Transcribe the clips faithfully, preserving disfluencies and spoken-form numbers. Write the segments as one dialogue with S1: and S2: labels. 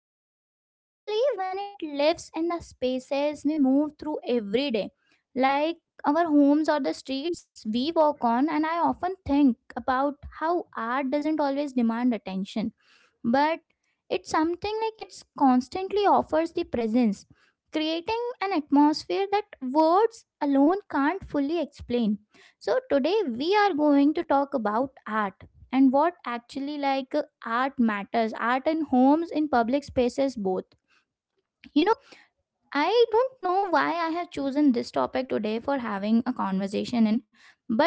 S1: belonging, especially when it lives in the spaces we move through every day, like our homes or the streets we walk on. And I often think about how art doesn't always demand attention but it's something like it's constantly offers the presence, creating an atmosphere that words alone can't fully explain. So today we are going to talk about art and what actually, like uh, art matters, art in homes, in public spaces, both. you know I don't know why I have chosen this topic today for having a conversation in, but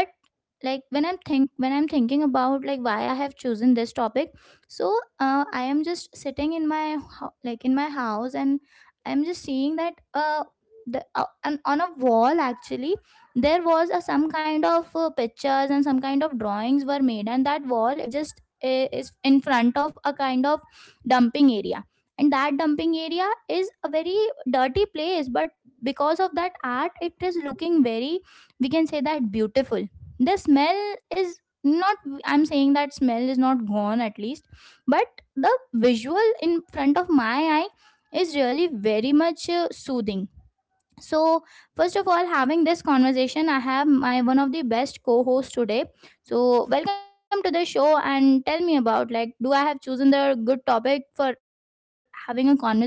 S1: like when I'm think when I'm thinking about like why I have chosen this topic, so uh, I am just sitting in my ho- like in my house and I'm just seeing that uh the uh, and on a wall actually there was a, some kind of uh, pictures and some kind of drawings were made, and that wall it just i- is in front of a kind of dumping area, and that dumping area is a very dirty place, but because of that art it is looking very, we can say that, beautiful. The smell is not, I'm saying that smell is not gone at least, but the visual in front of my eye is really very much uh, soothing. So first of all, having this conversation I have my one of the best co-hosts today, so welcome to the show and tell me about like do I have chosen the good topic for having a conversations or not.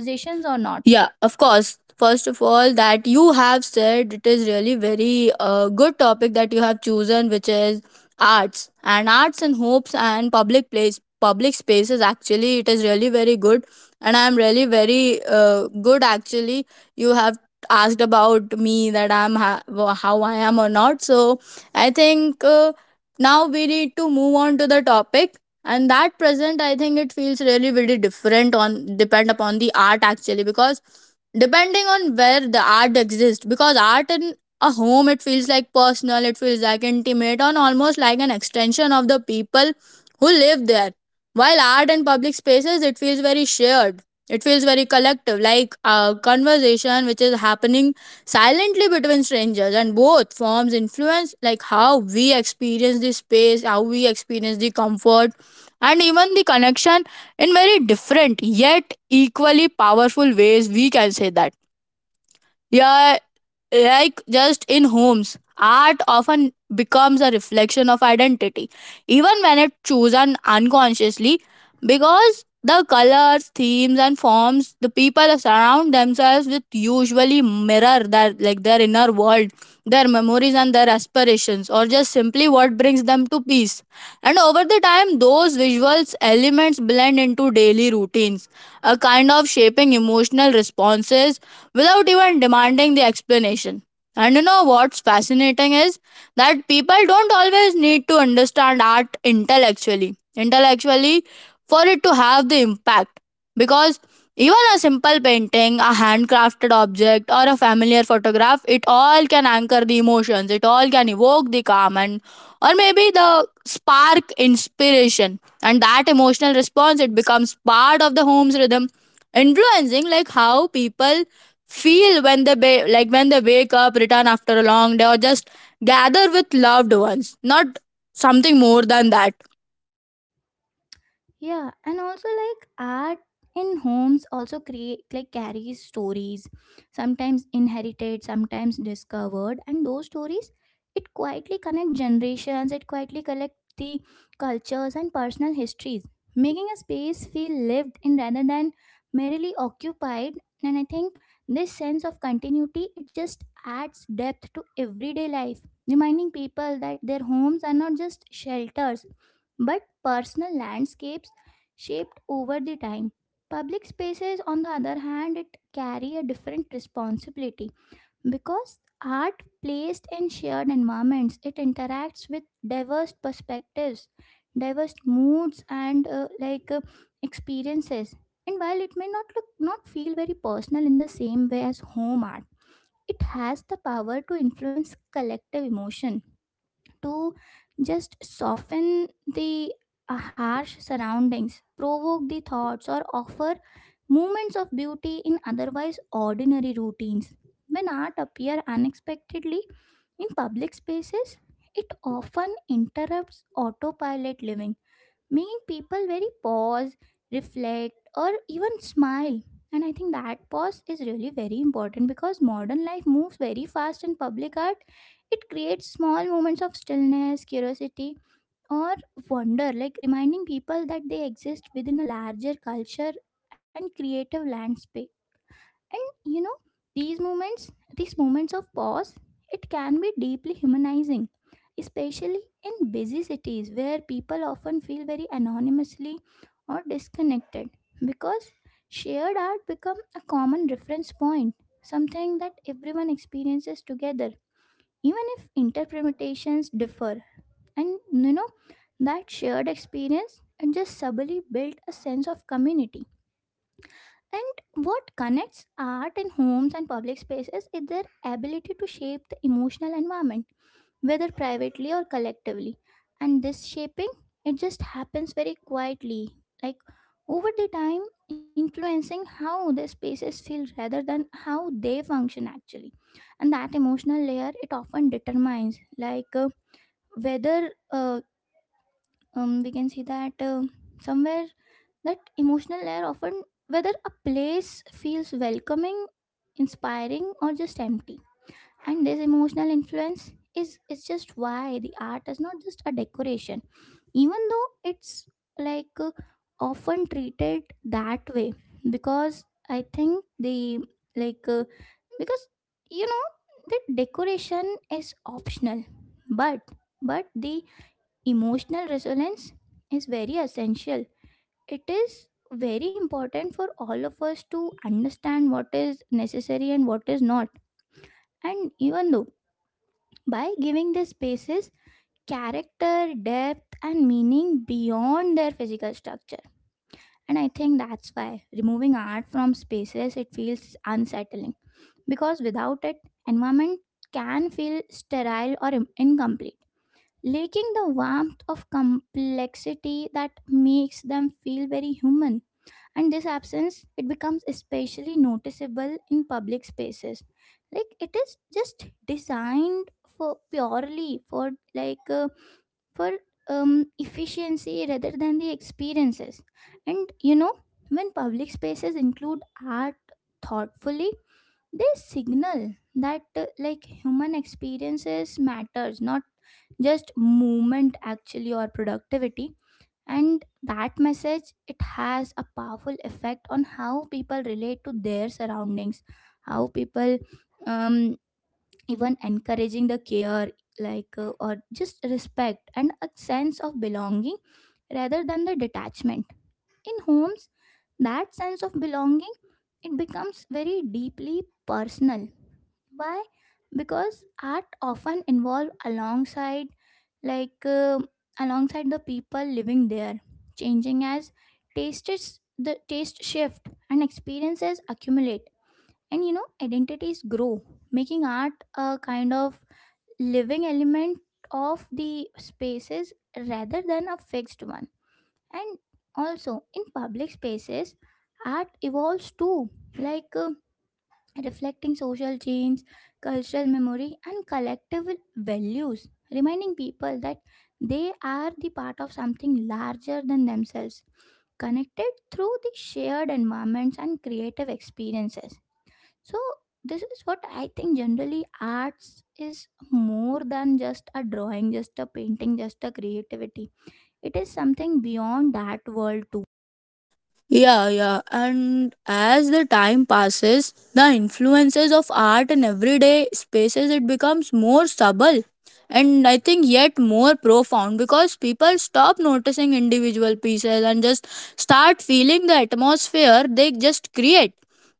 S2: Yeah, of course. First of all, that you have said it is really very uh, good topic that you have chosen, which is arts and arts and hopes and public place, public spaces. Actually, it is really very good, and I am really very uh, good. Actually, you have asked about me that I'm ha- wha- how I am or not. So I think uh, now we need to move on to the topic, and that present I think it feels really really different on depend upon the art, actually, because depending on where the art exists, because art in a home, it feels like personal, it feels like intimate and almost like an extension of the people who live there, while art in public spaces, it feels very shared, it feels very collective, like a conversation which is happening silently between strangers, and both forms influence like how we experience the space, how we experience the comfort, and even the connection in very different yet equally powerful ways, we can say that. Yeah, like just in homes, art often becomes a reflection of identity, even when it's chosen unconsciously, because the colors, themes and forms the people surround themselves with usually mirror their like their inner world, their memories and their aspirations, or just simply what brings them to peace. And over the time, those visuals elements blend into daily routines, a kind of shaping emotional responses without even demanding the explanation. And you know what's fascinating is that people don't always need to understand art intellectually, intellectually for it to have the impact. Because even a simple painting, a handcrafted object, or a familiar photograph, it all can anchor the emotions, it all can evoke the calm, and or maybe the spark inspiration. And that emotional response, it becomes part of the home's rhythm, influencing like how people feel when they ba- like when they wake up, return after a long day, or just gather with loved ones. Not something more than that.
S1: Yeah, and also like art in homes also create like carries stories, sometimes inherited, sometimes discovered, and those stories it quietly connect generations, it quietly collect the cultures and personal histories, making a space feel lived in rather than merely occupied. And I think this sense of continuity it just adds depth to everyday life, reminding people that their homes are not just shelters but personal landscapes shaped over the time. Public spaces, on the other hand, it carry a different responsibility because art placed in shared environments it interacts with diverse perspectives, diverse moods, and uh, like uh, experiences. And while it may not look not feel very personal in the same way as home art, it has the power to influence collective emotion, to just soften the uh, harsh surroundings, provoke the thoughts, or offer moments of beauty in otherwise ordinary routines. When art appears unexpectedly in public spaces, it often interrupts autopilot living, making people very pause, reflect, or even smile. And I think that pause is really very important because modern life moves very fast in public art. It creates small moments of stillness, curiosity, or wonder, like reminding people that they exist within a larger culture and creative landscape. And you know, these moments these moments of pause it can be deeply humanizing, especially in busy cities where people often feel very anonymously or disconnected, because shared art become a common reference point, something that everyone experiences together even if interpretations differ. And you know, that shared experience and just subtly built a sense of community. And what connects art in homes and public spaces is their ability to shape the emotional environment, whether privately or collectively. And this shaping, it just happens very quietly, like over the time, influencing how the spaces feel rather than how they function actually. And that emotional layer, it often determines, like uh, whether uh, um, we can see that uh, somewhere that emotional layer often whether a place feels welcoming, inspiring, or just empty. And this emotional influence is is just why the art is not just a decoration, even though it's like uh, often treated that way. Because I think the like uh, because you know, the decoration is optional, but but the emotional resonance is very essential. It is very important for all of us to understand what is necessary and what is not, and even though, by giving these spaces character, depth and meaning beyond their physical structure. And I think that's why removing art from spaces it feels unsettling, because without it environment can feel sterile or im- incomplete, lacking the warmth of complexity that makes them feel very human. And this absence it becomes especially noticeable in public spaces, like it is just designed for purely for like uh, for um, efficiency rather than the experiences. And you know, when public spaces include art thoughtfully, they signal that uh, like human experiences matters, not just movement actually or productivity. And that message it has a powerful effect on how people relate to their surroundings, how people um, even encouraging the care, like uh, or just respect and a sense of belonging rather than the detachment. In homes, that sense of belonging it becomes very deeply personal. Why? Because art often involve alongside, like uh, alongside the people living there, changing as tastes the taste shift and experiences accumulate, and you know, identities grow, making art a kind of living element of the spaces rather than a fixed one. And also in public spaces, art evolves too, like. Uh, reflecting social change, cultural memory, and collective values, reminding people that they are the part of something larger than themselves, connected through the shared environments and creative experiences. So, this is what I think generally arts is more than just a drawing, just a painting, just a creativity. It is something beyond that world too.
S2: Yeah, yeah. And as the time passes, the influences of art in everyday spaces, it becomes more subtle, and I think yet more profound, because people stop noticing individual pieces and just start feeling the atmosphere they just create.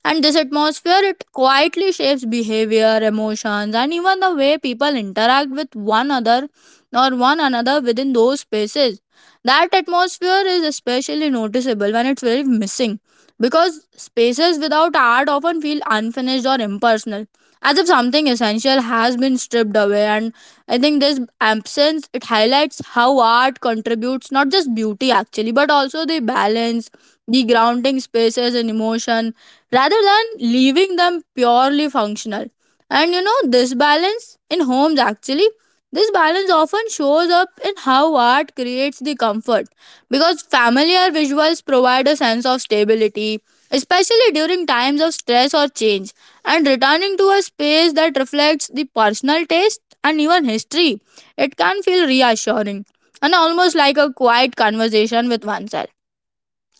S2: And this atmosphere, it quietly shapes behavior, emotions, and even the way people interact with one other or one another within those spaces. That atmosphere is especially noticeable when it's very missing, because spaces without art often feel unfinished or impersonal, as if something essential has been stripped away. And I think this absence, it highlights how art contributes not just beauty, actually, but also the balance, the grounding spaces and emotion, rather than leaving them purely functional. And you know, this balance in homes, actually. This balance often shows up in how art creates the comfort, because familiar visuals provide a sense of stability, especially during times of stress or change, and returning to a space that reflects the personal taste and even history. It can feel reassuring and almost like a quiet conversation with oneself.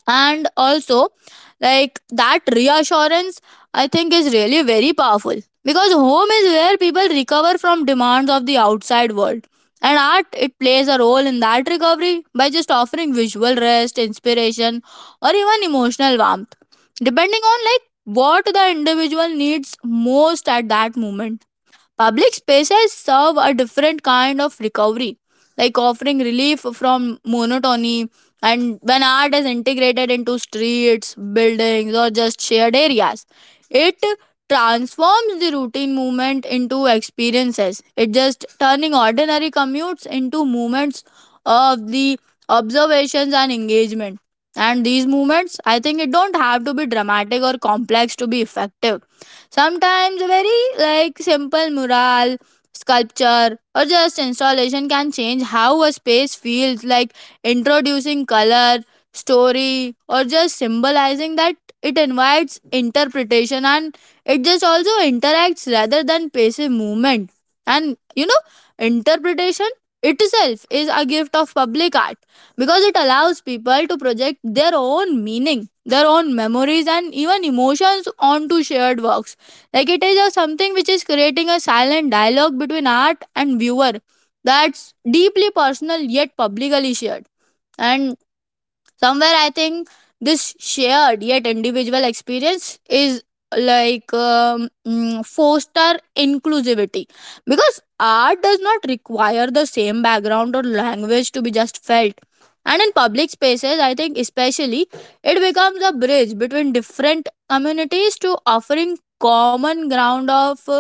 S2: And also, like that reassurance, I think is really very powerful, because home is where people recover from demands of the outside world, and art it plays a role in that recovery by just offering visual rest, inspiration, or even emotional warmth, depending on like what the individual needs most at that moment. Public spaces serve a different kind of recovery, like offering relief from monotony. And when art is integrated into streets, buildings, or just shared areas, it transforms the routine movement into experiences. It just turning ordinary commutes into moments of the observations and engagement. And these movements, I think it don't have to be dramatic or complex to be effective. Sometimes a very like simple mural, sculpture or just installation can change how a space feels, like introducing color, story or just symbolizing that, it invites interpretation and it just also interacts rather than passive movement. And you know, interpretation itself is a gift of public art, because it allows people to project their own meaning, their own memories, and even emotions onto shared works. Like it is a something which is creating a silent dialogue between art and viewer that's deeply personal yet publicly shared. And somewhere I think this shared yet individual experience is like um, mm, foster inclusivity, because art does not require the same background or language to be just felt. And in public spaces I think especially, it becomes a bridge between different communities, to offering common ground of uh,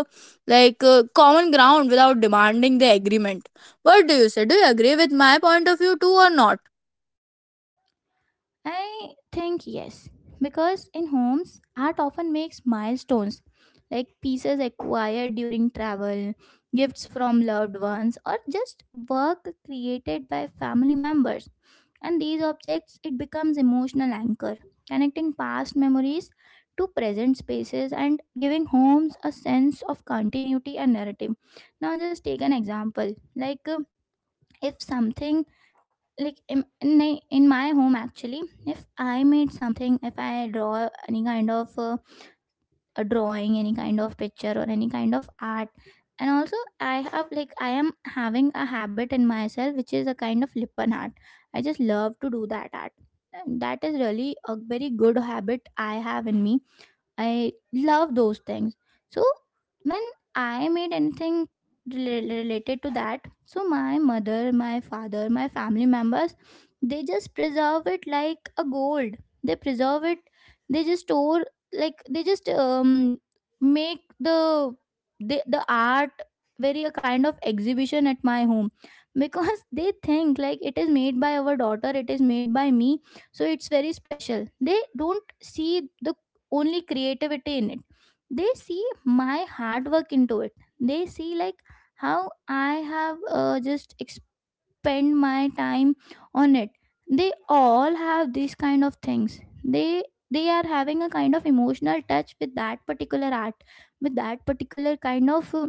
S2: like uh, common ground without demanding the agreement. What do you say, do you agree with my point of view too or not?
S1: I think yes, because in homes, art often makes milestones like pieces acquired during travel, gifts from loved ones, or just work created by family members. And these objects, it becomes emotional anchor, connecting past memories to present spaces and giving homes a sense of continuity and narrative. Now, just take an example like uh, if something like in, in my in my home actually, if I made something, if I draw any kind of uh, a drawing, any kind of picture or any kind of art. And also I have like I am having a habit in myself which is a kind of lippen art. I just love to do that art, and that is really a very good habit I have in me. I love those things. So when I made anything rela- related to that, so my mother, my father, my family members, they just preserve it like a gold. They preserve it. They just store, like they just um make the the, the art very a kind of exhibition at my home, because they think like it is made by our daughter, it is made by me, so it's very special. They don't see the only creativity in it, they see my hard work into it. They see like how I have uh, just spend my time on it. They all have these kind of things, they they are having a kind of emotional touch with that particular art, with that particular kind of uh,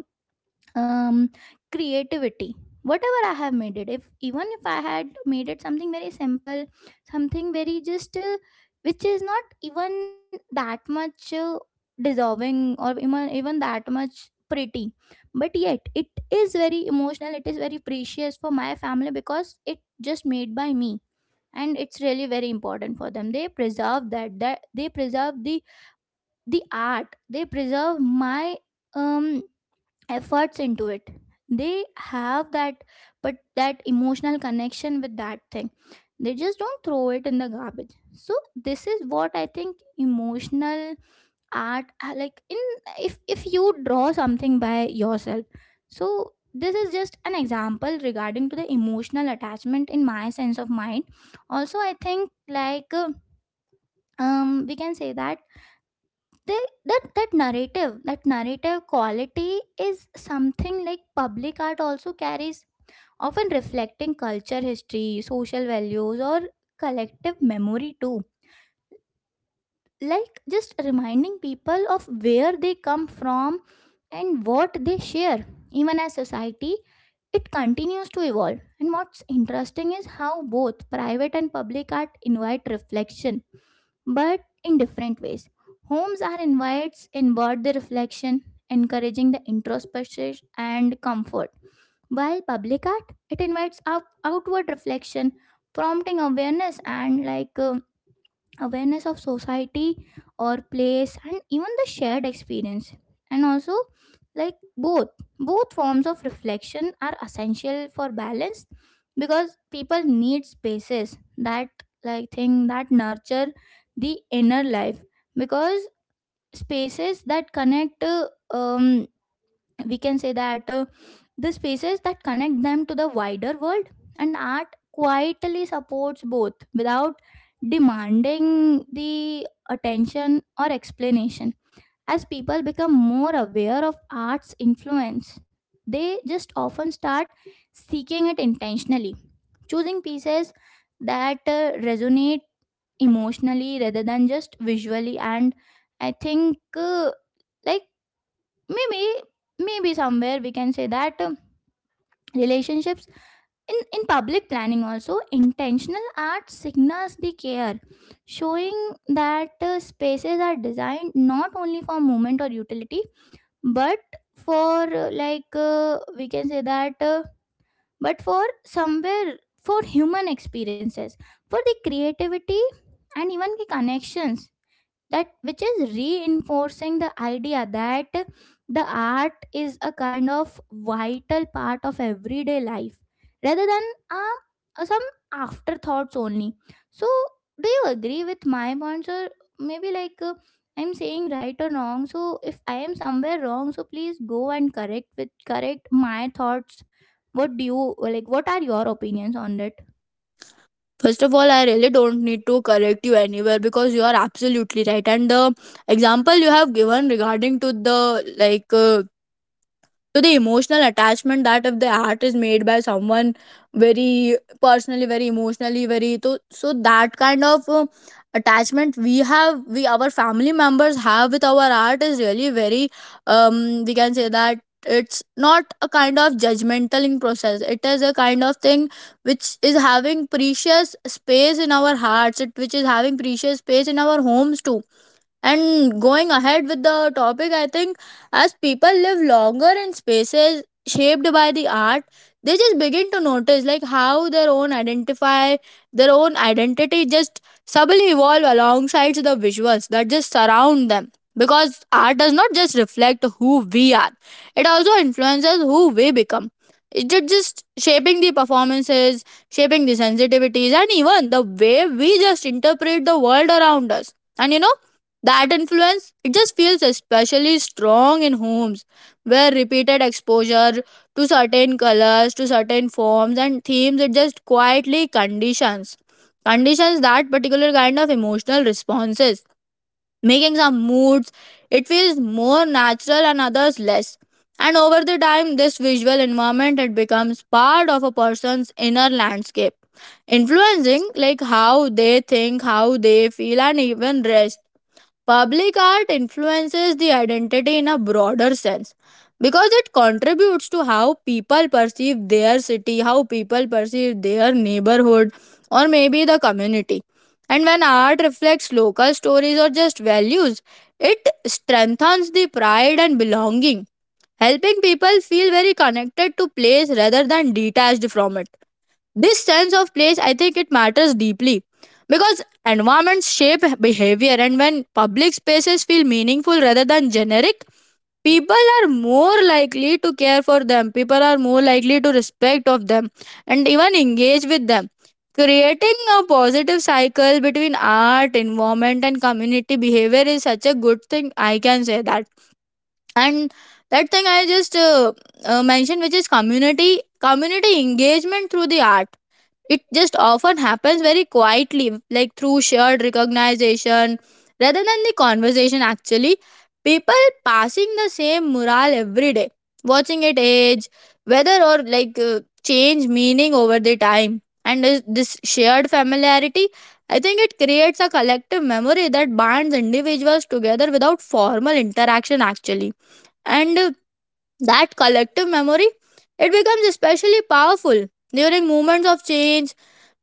S1: um creativity, whatever I have made it. If even if I had made it something very simple, something very just uh, which is not even that much uh, dissolving, or even, even that much pretty, but yet it is very emotional, it is very precious for my family because it just made by me. And it's really very important for them, they preserve that that they preserve the the art, they preserve my um efforts into it. They have that but that emotional connection with that thing, they just don't throw it in the garbage. So this is what I think, emotional art, uh, like in, if if you draw something by yourself, so this is just an example regarding to the emotional attachment in my sense of mind. Also I think like uh, um we can say that they that that narrative, that narrative quality is something like public art also carries, often reflecting culture, history, social values, or collective memory too, like just reminding people of where they come from and what they share, even as society it continues to evolve. And what's interesting is how both private and public art invite reflection, but in different ways. Homes are invites inward the reflection, encouraging the introspection and comfort. While public art, it invites up outward reflection, prompting awareness and like uh, awareness of society or place and even the shared experience. And also like both both forms of reflection are essential for balance, because people need spaces that like thing that nurture the inner life. Because spaces that connect uh, um we can say that uh, the spaces that connect them to the wider world, and art quietly supports both without demanding the attention or explanation. As people become more aware of art's influence, they just often start seeking it intentionally, choosing pieces that uh, resonate emotionally rather than just visually. And I think uh, like maybe maybe somewhere we can say that um, relationships in in public planning also, intentional art signals the care, showing that uh, spaces are designed not only for movement or utility, but for uh, like uh, we can say that uh, but for somewhere, for human experiences, for the creativity, and even the connections, that which is reinforcing the idea that the art is a kind of vital part of everyday life, rather than uh, uh, some afterthoughts only. So do you agree with my points, or maybe like uh, I'm saying right or wrong? So if I am somewhere wrong, so please go and correct with correct my thoughts. What do you like, what are your opinions on that?
S2: First of all, I really don't need to correct you anywhere because you are absolutely right. And the example you have given regarding to the like uh, so the emotional attachment, that if the art is made by someone very personally, very emotionally, very to so that kind of uh, attachment we have, we our family members have with our art is really very. Um, we can say that it's not a kind of judgmental process. It is a kind of thing which is having precious space in our hearts. It which is having precious space in our homes too. And going ahead with the topic, I think as people live longer in spaces shaped by the art, they just begin to notice like how their own identify their own identity just subtly evolve alongside the visuals that just surround them. Because art does not just reflect who we are, it also influences who we become. It ju- just shaping the performances, shaping the sensitivities, and even the way we just interpret the world around us. And you know, that influence, it just feels especially strong in homes where repeated exposure to certain colors, to certain forms and themes, it just quietly conditions. Conditions that particular kind of emotional responses, making some moods, it feels more natural and others less. And over the time, this visual environment it becomes part of a person's inner landscape, influencing like how they think, how they feel, and even rest. Public art influences the identity in a broader sense, because it contributes to how people perceive their city, how people perceive their neighborhood, or maybe the community. And when art reflects local stories or just values, it strengthens the pride and belonging, helping people feel very connected to place rather than detached from it. This sense of place, I think it matters deeply, because environments shape behavior, and when public spaces feel meaningful rather than generic, people are more likely to care for them. People are more likely to respect of them and even engage with them. Creating a positive cycle between art, environment, and community behavior is such a good thing. I can say that. And that thing I just uh, uh, mentioned, which is community community engagement through the art, it just often happens very quietly, like through shared recognition rather than the conversation. Actually, people passing the same mural every day, watching it age, whether or like uh, change meaning over the time. And this this shared familiarity, I think it creates a collective memory that binds individuals together without formal interaction, actually. And uh, that collective memory, it becomes especially powerful during moments of change,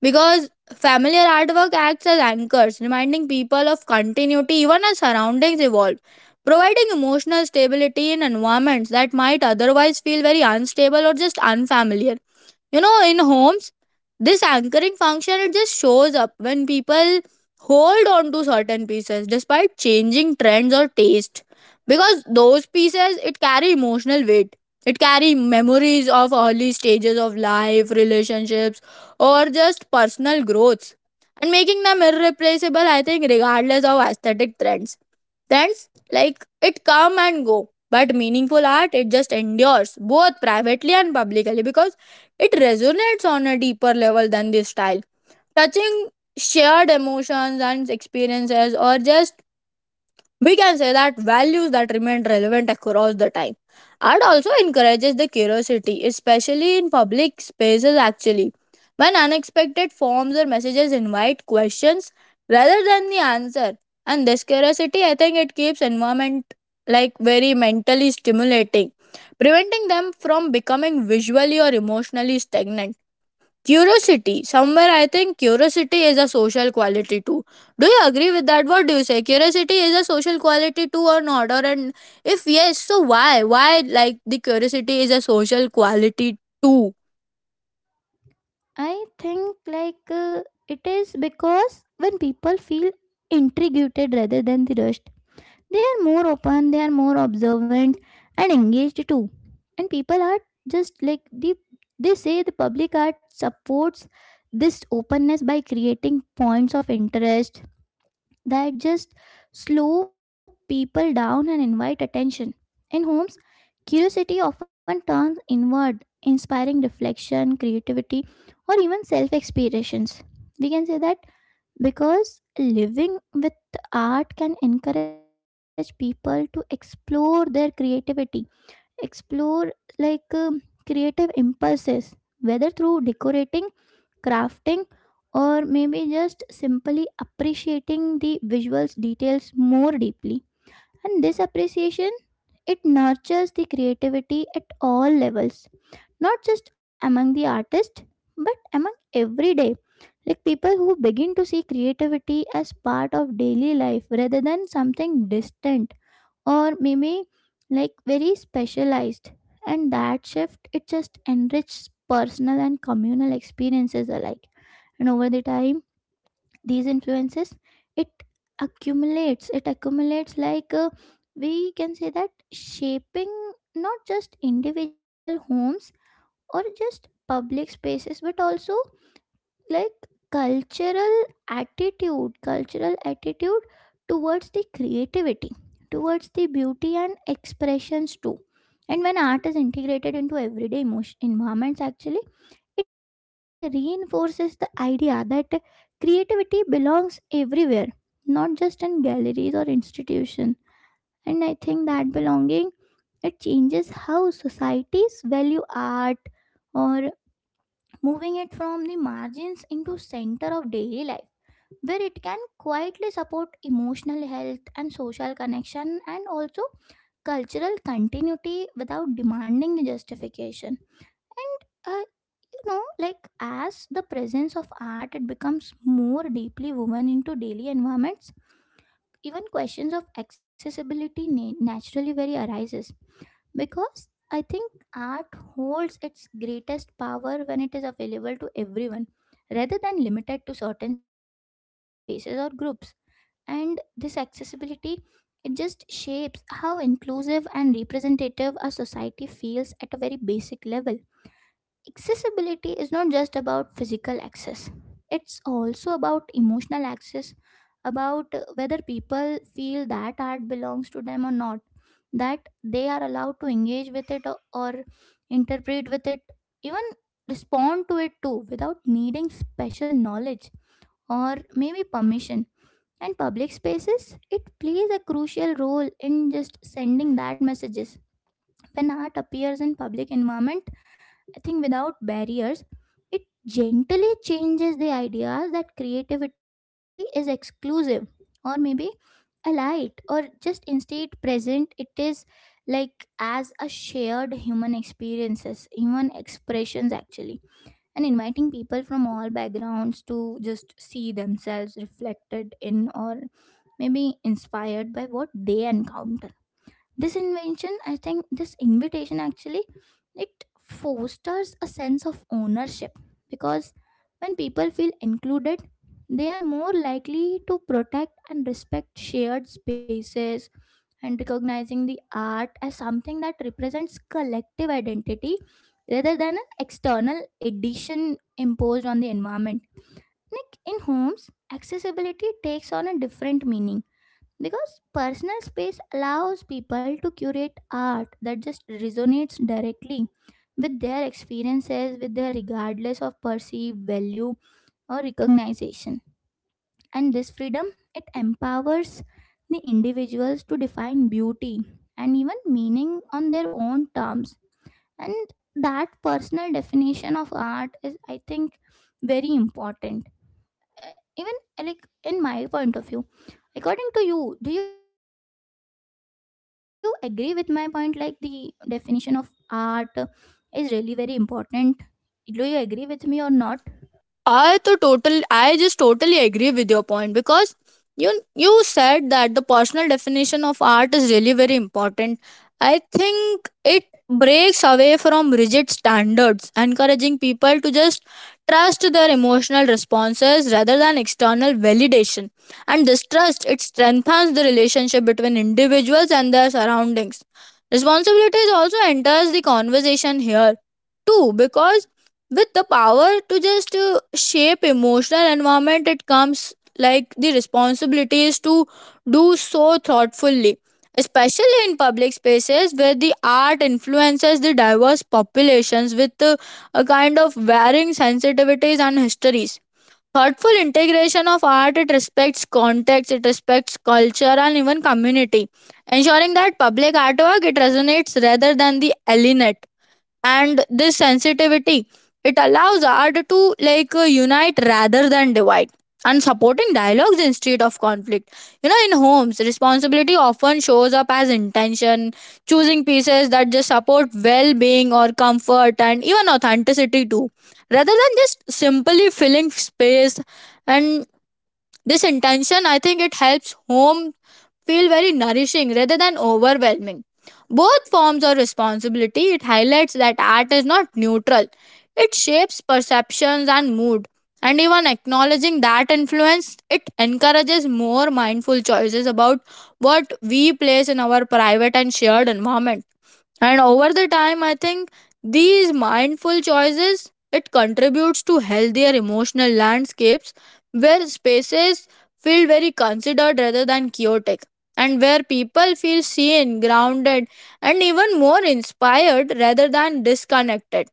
S2: because familiar artwork acts as anchors, reminding people of continuity even as surroundings evolve, providing emotional stability in environments that might otherwise feel very unstable or just unfamiliar. You know, in homes, this anchoring function it just shows up when people hold on to certain pieces despite changing trends or taste, because those pieces it carry emotional weight, it carry memories of early stages of life relationships or just personal growths, and making them irreplaceable, I think regardless of aesthetic trends. Trends like it come and go, but meaningful art it just endures both privately and publicly, because it resonates on a deeper level than this style, touching shared emotions and experiences, or just we can say that values that remain relevant across the time. Art also encourages the curiosity, especially in public spaces, actually, when unexpected forms or messages invite questions rather than the answer. And this curiosity, I think it keeps environment like very mentally stimulating, preventing them from becoming visually or emotionally stagnant. Curiosity. Somewhere I think curiosity is a social quality too. Do you agree with that? What do you say? Curiosity is a social quality too or not? Or and if yes, so why? Why like the curiosity is a social quality too?
S1: I think like uh, it is because when people feel intrigued rather than the rushed, they are more open, they are more observant and engaged too. And people are just like the they say, the public art supports this openness by creating points of interest that just slow people down and invite attention. In homes, curiosity often turns inward, inspiring reflection, creativity, or even self explorations. We can say that because living with art can encourage people to explore their creativity, explore like um, creative impulses, whether through decorating, crafting, or maybe just simply appreciating the visuals details more deeply. And this appreciation, it nurtures the creativity at all levels, not just among the artists, but among everyday. Like people who begin to see creativity as part of daily life rather than something distant or maybe like very specialized. And that shift, it just enriches personal and communal experiences alike. And over the time, these influences it accumulates it accumulates like uh, we can say that, shaping not just individual homes or just public spaces but also like cultural attitude cultural attitude towards the creativity, towards the beauty and expressions too. And when art is integrated into everyday emotion environments actually, it reinforces the idea that creativity belongs everywhere, not just in galleries or institutions. And I think that belonging, it changes how societies value art, or moving it from the margins into center of daily life where it can quietly support emotional health and social connection and also cultural continuity without demanding the justification. And uh, you know, like as the presence of art, it becomes more deeply woven into daily environments. Even questions of accessibility na- naturally very arises, because I think art holds its greatest power when it is available to everyone, rather than limited to certain spaces or groups. And this accessibility, it just shapes how inclusive and representative a society feels at a very basic level. Accessibility is not just about physical access, it's also about emotional access, about uh, whether people feel that art belongs to them or not, that they are allowed to engage with it, or, or interpret with it, even respond to it too, without needing special knowledge or maybe permission. And public spaces, it plays a crucial role in just sending that messages. When art appears in public environment, I think without barriers, it gently changes the idea that creativity is exclusive or maybe allied, or just instead present it is like as a shared human experiences human expressions actually, and inviting people from all backgrounds to just see themselves reflected in or maybe inspired by what they encounter. This invention, I think this invitation actually, it fosters a sense of ownership, because when people feel included, they are more likely to protect and respect shared spaces, and recognizing the art as something that represents collective identity rather than an external addition imposed on the environment. Like in homes, accessibility takes on a different meaning, because personal space allows people to curate art that just resonates directly with their experiences, with their regardless of perceived value or recognition. And this freedom, it empowers the individuals to define beauty and even meaning on their own terms. And that personal definition of art is, I think, very important. Uh, even uh, like In my point of view, according to you, do you agree with my point like the definition of art is really very important? Do you agree with me or not?
S2: I to total I just totally agree with your point because you you said that the personal definition of art is really very important. I think it breaks away from rigid standards, encouraging people to just trust their emotional responses rather than external validation. And this trust it strengthens the relationship between individuals and their surroundings. Responsibilities also enters the conversation here too because with the power to just uh, shape emotional environment it comes like the responsibilities to do so thoughtfully, especially in public spaces where the art influences the diverse populations with uh, a kind of varying sensitivities and histories. Thoughtful integration of art, it respects context, it respects culture and even community, ensuring that public artwork it resonates rather than the alienate. And this sensitivity, it allows art to like uh, unite rather than divide, and supporting dialogues instead of conflict. You know, in homes responsibility often shows up as intention, choosing pieces that just support well-being or comfort and even authenticity too, rather than just simply filling space. And this intention I think it helps home feel very nourishing rather than overwhelming. Both forms of responsibility, it highlights that art is not neutral, it shapes perceptions and mood. And even acknowledging that influence, it encourages more mindful choices about what we place in our private and shared environment. And over the time, I think these mindful choices it contributes to healthier emotional landscapes where spaces feel very considered rather than chaotic, and where people feel seen, grounded, and even more inspired rather than disconnected.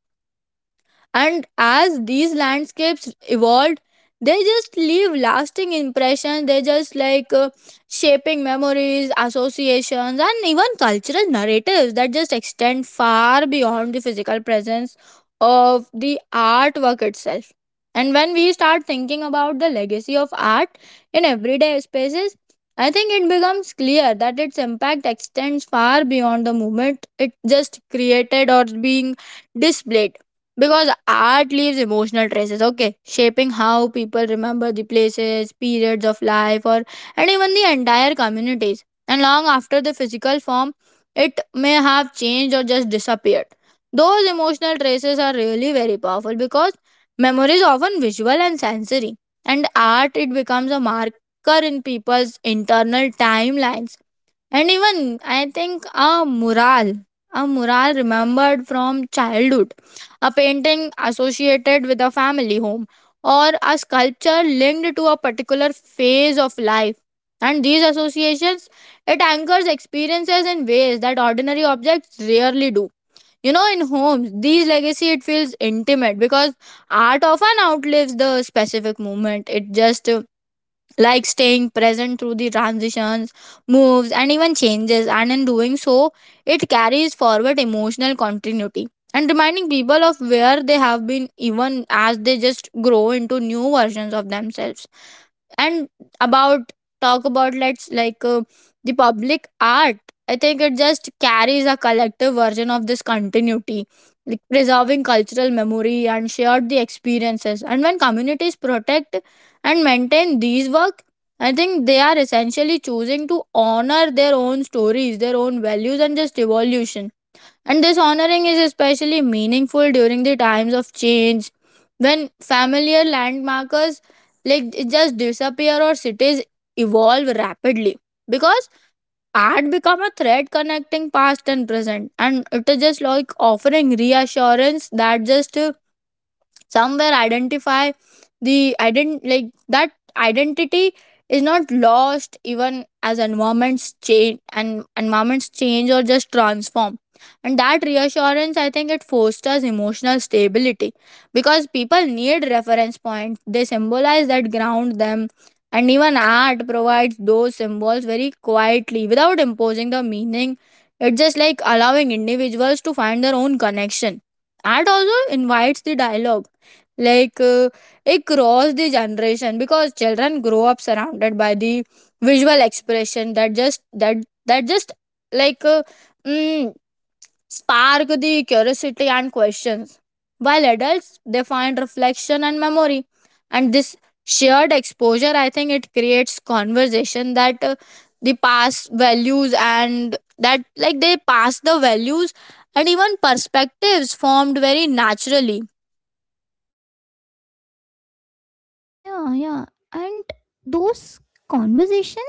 S2: And as these landscapes evolved, they just leave lasting impressions. they just like uh, shaping memories, associations, and even cultural narratives that just extend far beyond the physical presence of the artwork itself. And when we start thinking about the legacy of art in everyday spaces, I think it becomes clear that its impact extends far beyond the moment it just created or being displayed, because art leaves emotional traces, okay, shaping how people remember the places, periods of life, or and even the entire communities. And long after the physical form, it may have changed or just disappeared. Those emotional traces are really very powerful because memory is often visual and sensory, and art it becomes a marker in people's internal timelines. And even I think a mural, a mural remembered from childhood, a painting associated with a family home, or a sculpture linked to a particular phase of life. And these associations, it anchors experiences in ways that ordinary objects rarely do. You know, in homes, these legacy it feels intimate because art often outlives the specific moment. It just like staying present through the transitions, moves, and even changes. And in doing so, it carries forward emotional continuity, and reminding people of where they have been, even as they just grow into new versions of themselves. And about, talk about, let's like uh, the public art, I think it just carries a collective version of this continuity, like preserving cultural memory and shared the experiences. And when communities protect and maintain these work, I think they are essentially choosing to honor their own stories, their own values, and just evolution. And this honoring is especially meaningful during the times of change, when familiar landmarkers like it just disappear or cities evolve rapidly, because art become a thread connecting past and present, and it is just like offering reassurance that just uh, somewhere identify, the ident like that identity is not lost even as environments change and environments change or just transform. And that reassurance, I think it fosters emotional stability, because people need reference points, they symbolize that ground them. And even art provides those symbols very quietly without imposing the meaning. It's just like allowing individuals to find their own connection. Art also invites the dialogue, like uh, across the generation, because children grow up surrounded by the visual expression that just that that just like uh, mm, spark the curiosity and questions, while adults they find reflection and memory. And this shared exposure, I think it creates conversation that uh, the past values, and that like they pass the values, and even perspectives formed very naturally.
S1: Yeah, yeah. And those conversation,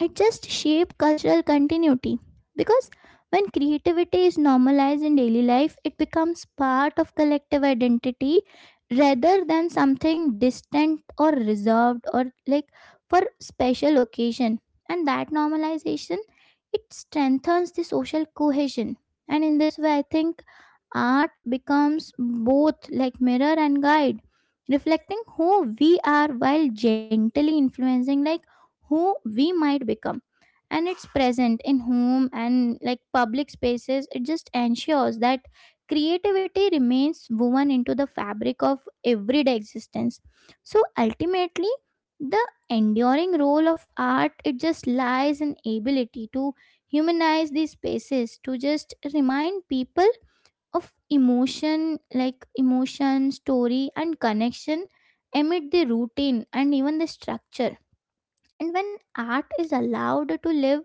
S1: it just shape cultural continuity, because when creativity is normalized in daily life, it becomes part of collective identity rather than something distant or reserved or like for special occasion. And that normalization, it strengthens the social cohesion. And in this way, I think art becomes both like mirror and guide, reflecting who we are while gently influencing like who we might become. And it's present in home and like public spaces, it just ensures that creativity remains woven into the fabric of everyday existence. So ultimately, the enduring role of art, it just lies in ability to humanize these spaces, to just remind people of emotion, like emotion, story and connection amid the routine and even the structure. And when art is allowed to live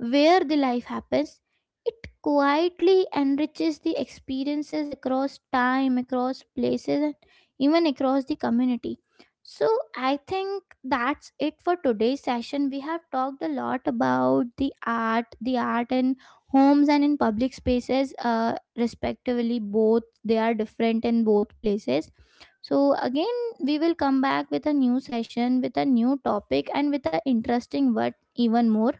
S1: where the life happens, it quietly enriches the experiences across time, across places, and even across the community. So I think that's it for today's session. We have talked a lot about the art, the art in homes and in public spaces, uh, respectively. Both they are different in both places. So again, we will come back with a new session, with a new topic, and with an interesting word even more.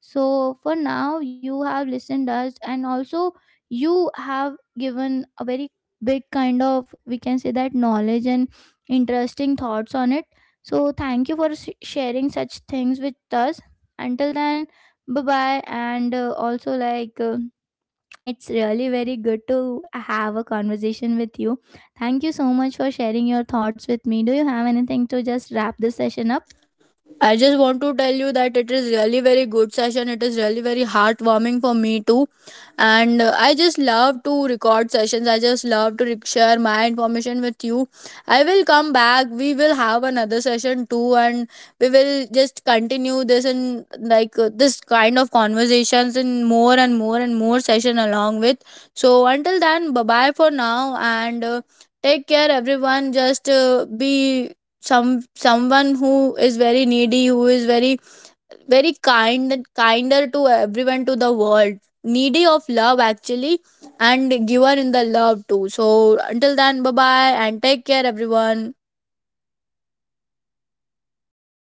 S1: So for now, you have listened us, and also you have given a very big kind of, we can say that, knowledge and interesting thoughts on it. So thank you for s- sharing such things with us. Until then, bye bye, and uh, also like. Uh, it's really very good to have a conversation with you. Thank you so much for sharing your thoughts with me. Do you have anything to just wrap this session up?
S2: I just want to tell you that it is really very good session. It is really very heartwarming for me too, and uh, I just love to record sessions. I just love to rec- share my information with you. I will come back. We will have another session too, and we will just continue this in like uh, this kind of conversations in more and more and more session along with. So until then, bye bye for now, and uh, take care everyone. Just uh, be some someone who is very needy, who is very very kind and kinder to everyone, to the world, needy of love actually, and given in the love too. So until then, bye bye and take care everyone.